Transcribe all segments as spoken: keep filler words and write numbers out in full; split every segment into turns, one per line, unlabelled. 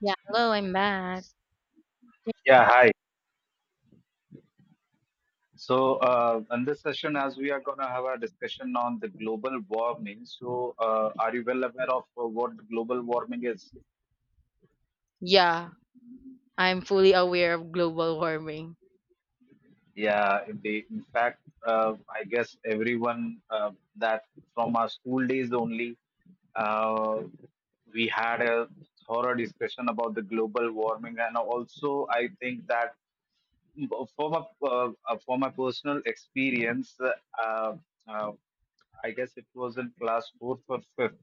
Yeah, hello, I'm back.
Yeah, hi. So, uh, in this session, as we are going to have a discussion on the global warming, so uh, are you well aware of uh, what global warming is?
Yeah, I'm fully aware of global warming.
Yeah, in in fact, uh, I guess everyone uh, that from our school days only, uh, we had a thorough discussion about the global warming, and also I think that from a uh, uh, from a personal experience, uh, uh, I guess it was in class fourth or fifth.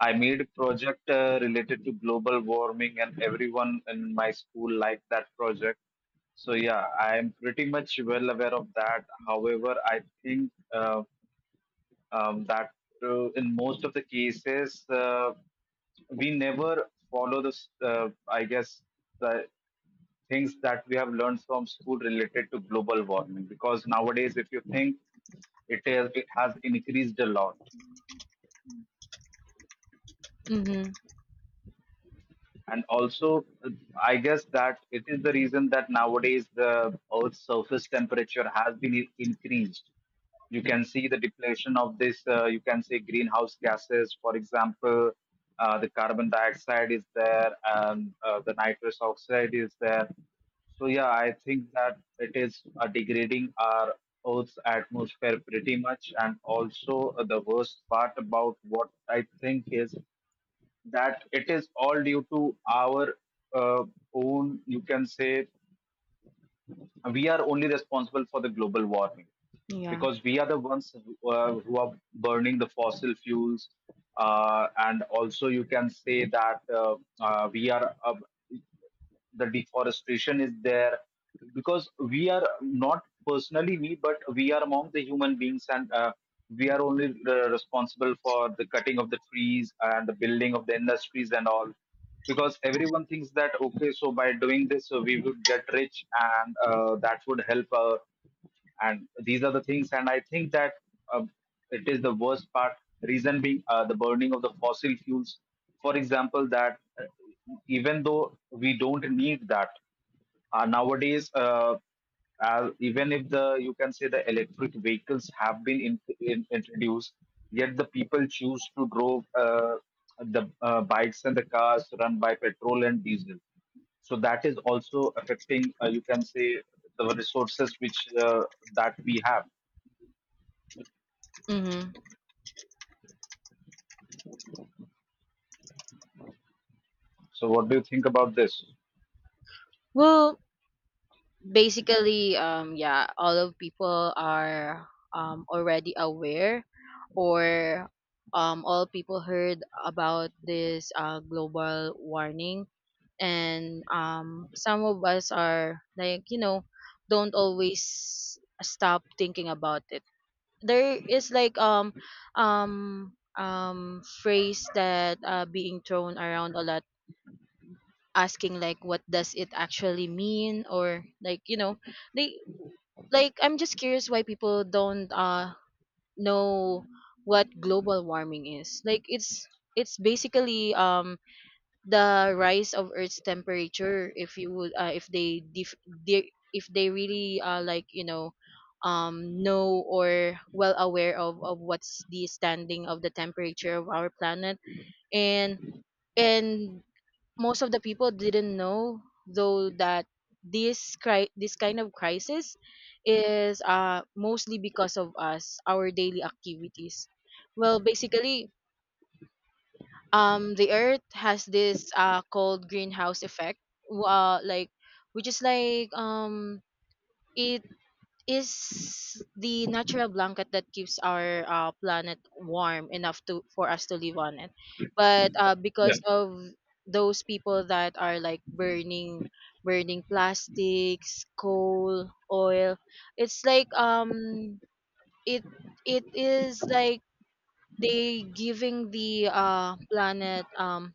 I made a project uh, related to global warming, and everyone in my school liked that project. So yeah, I am pretty much well aware of that. However, I think uh, um, that uh, in most of the cases, uh, we never follow this. Uh, I guess, the things that we have learned from school related to global warming, because nowadays if you think it is it has increased a lot,
Mm-hmm.
and also uh, I guess that it is the reason that nowadays the earth's surface temperature has been i- increased You can see the depletion of this, uh, you can say, greenhouse gases, for example uh, the carbon dioxide is there, and uh, the nitrous oxide is there. So yeah, I think that it is uh, degrading our earth's atmosphere pretty much, and also uh, the worst part about what I think is that it is all due to our uh, own, you can say, we are only responsible for the global warming,
Yeah.
because we are the ones who, uh, who are burning the fossil fuels, uh, and also you can say that uh, uh, we are uh, the deforestation is there, because we are not personally me, but we are among the human beings, and uh, we are only uh, responsible for the cutting of the trees and the building of the industries and all, because everyone thinks that, okay, so by doing this uh, we would get rich, and uh, that would help, uh, and these are the things. And I think that uh, it is the worst part, reason being uh, the burning of the fossil fuels, for example that uh, even though we don't need that, uh, nowadays, uh, uh, even if the, you can say, the electric vehicles have been in, in, introduced, yet the people choose to drove uh, the uh, bikes and the cars run by petrol and diesel. So that is also affecting, uh, you can say, the resources which uh, that we have.
Mm-hmm.
So what do you think about this?
Well, basically, um, yeah, all of people are um already aware, or um, all people heard about this uh global warning, and um, some of us are like you know, don't always stop thinking about it. There is like um um um phrase that uh being thrown around a lot, asking like what does it actually mean, or like you know they like I'm just curious why people don't uh know what global warming is. Like it's it's basically um the rise of Earth's temperature. If you would uh, if they def- de- if they really uh, like you know um know or well aware of of what's the standing of the temperature of our planet. And and most of the people didn't know, though, that this cri- this kind of crisis is uh mostly because of us, our daily activities. Well, basically, um the earth has this uh called greenhouse effect, w- uh like which is like, um it is the natural blanket that keeps our uh, planet warm enough to for us to live on it. But uh,
Yeah.
because of those people that are like burning burning plastics, coal, oil, it's like, um it it is like they giving the uh planet um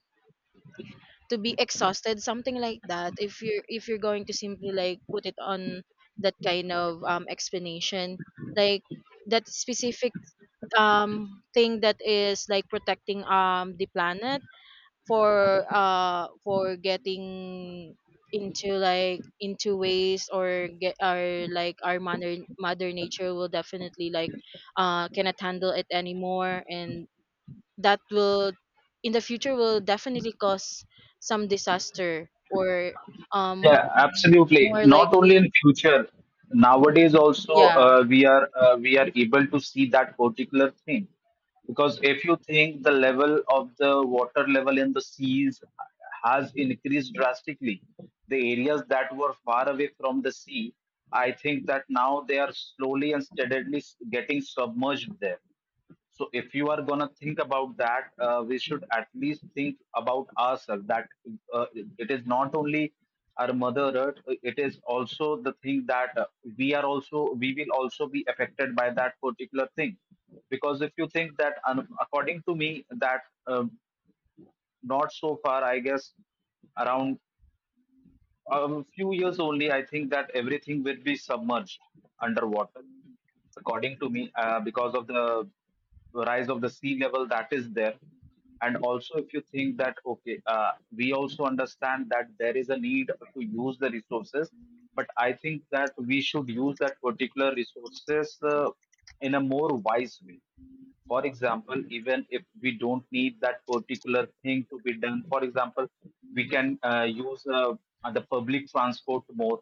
to be exhausted, something like that, if you're if you're going to simply like put it on that kind of um explanation. Like that specific um thing that is like protecting um the planet, for uh for getting into like into ways, or get our like our mother mother nature will definitely like uh cannot handle it anymore, and that will in the future will definitely cause some disaster or um
Yeah, absolutely.
more
Not only
likely.
in future, nowadays also
Yeah.
uh, we are uh, we are able to see that particular thing. Because if you think, the level of the water level in the seas has increased drastically, the areas that were far away from the sea, I think that now they are slowly and steadily s- getting submerged there. So if you are gonna think about that, uh, we should at least think about ourselves. That uh, it is not only our mother earth; it is also the thing that uh, we are also we will also be affected by that particular thing. Because if you think that, um, according to me, that um not so far, I guess around um, few years only, I think that everything will be submerged underwater, according to me, uh, because of the rise of the sea level that is there. And also, if you think that, okay, uh, we also understand that there is a need to use the resources, but I think that we should use that particular resources uh, in a more wise way, for example, even if we don't need that particular thing to be done. For example, we can uh, use uh, the public transport more.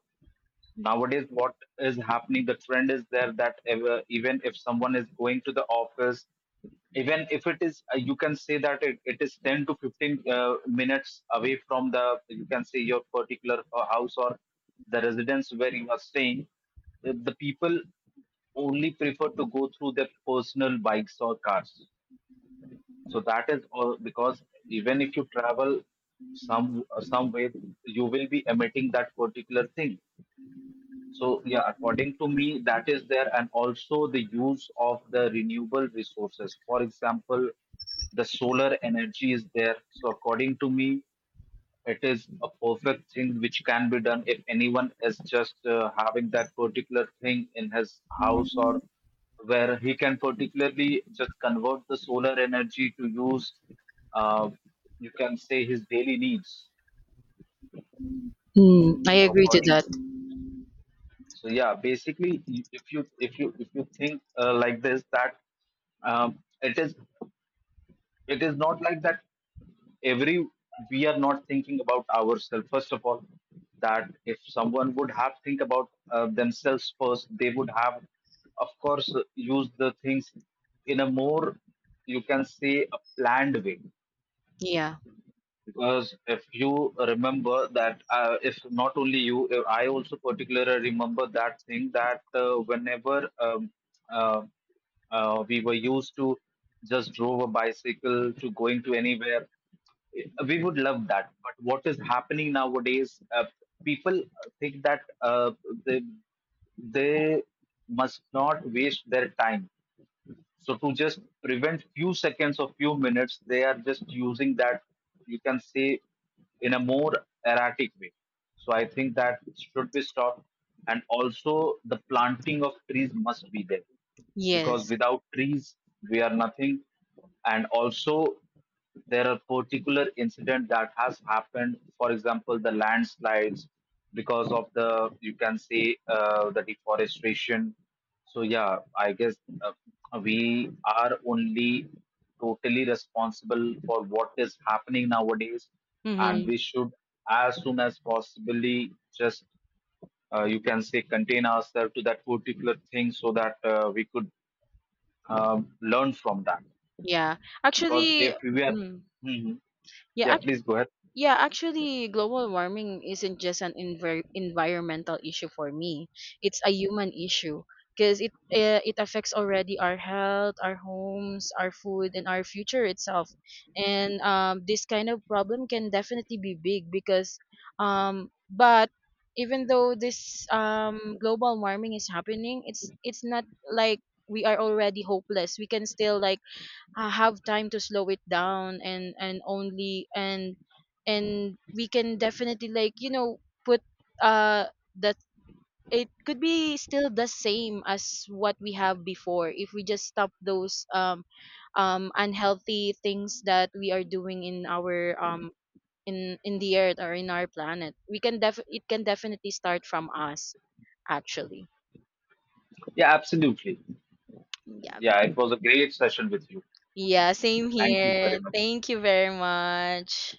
Nowadays what is happening, the trend is there, that ever, even if someone is going to the office, even if it is uh, you can say that it, it is ten to fifteen uh, minutes away from the, you can say, your particular uh, house or the residence where you are staying, the the people only prefer to go through their personal bikes or cars. So that is all because even if you travel some some way, you will be emitting that particular thing. So yeah, according to me, that is there, and also the use of the renewable resources. For example, the solar energy is there. So according to me, it is a perfect thing which can be done if anyone is just uh, having that particular thing in his house,
mm,
or where he can particularly just convert the solar energy to use. Uh, you can say, his daily needs.
I
So
agree to
according
that.
so yeah, basically, you- if you if you if you think uh, like this, that um, it is it is not like that, every we are not thinking about ourselves first of all, that if someone would have think about uh, themselves first, they would have of course used the things in a more, you can say, a planned way.
Yeah.
Because if you remember that, uh, if not only you, if I also particularly remember that thing that uh, whenever um, uh, uh, we were used to just drove a bicycle to going to anywhere, eh, we would love that. But what is happening nowadays, uh, people think that uh, they, they must not waste their time. So to just prevent few seconds or few minutes, they are just using that, you can say, in a more erratic way. So I think that should be stopped. And also the planting of trees must be there, because
Yes.
without trees we are nothing. And also there are particular incident that has happened, for example the landslides, because of the, you can say, uh, the deforestation. So yeah, I guess uh, we are only totally responsible for what is happening nowadays, and
Mm-hmm.
we should, as soon as possibly, just uh, you can say, contain ourselves to that particular thing, so that uh, we could um, learn from that.
Yeah,
Because if
actually.
we are,
mm,
Mhm. Yeah,
yeah.
please go ahead.
Yeah, actually, global warming isn't just an envir- environmental issue for me. It's a human issue because it uh, it affects already our health, our homes, our food, and our future itself. And um, this kind of problem can definitely be big because, um, but even though this um global warming is happening, it's it's not like we are already hopeless. We can still like uh, have time to slow it down, and and only and and we can definitely like you know put uh that it could be still the same as what we have before, if we just stop those um um unhealthy things that we are doing in our um in in the earth or in our planet. We can def it can definitely start from us, actually.
Yeah, absolutely.
Yeah.
Yeah, it was a great session with you.
Yeah, same
Thank you very
here,
much.
thank you very much.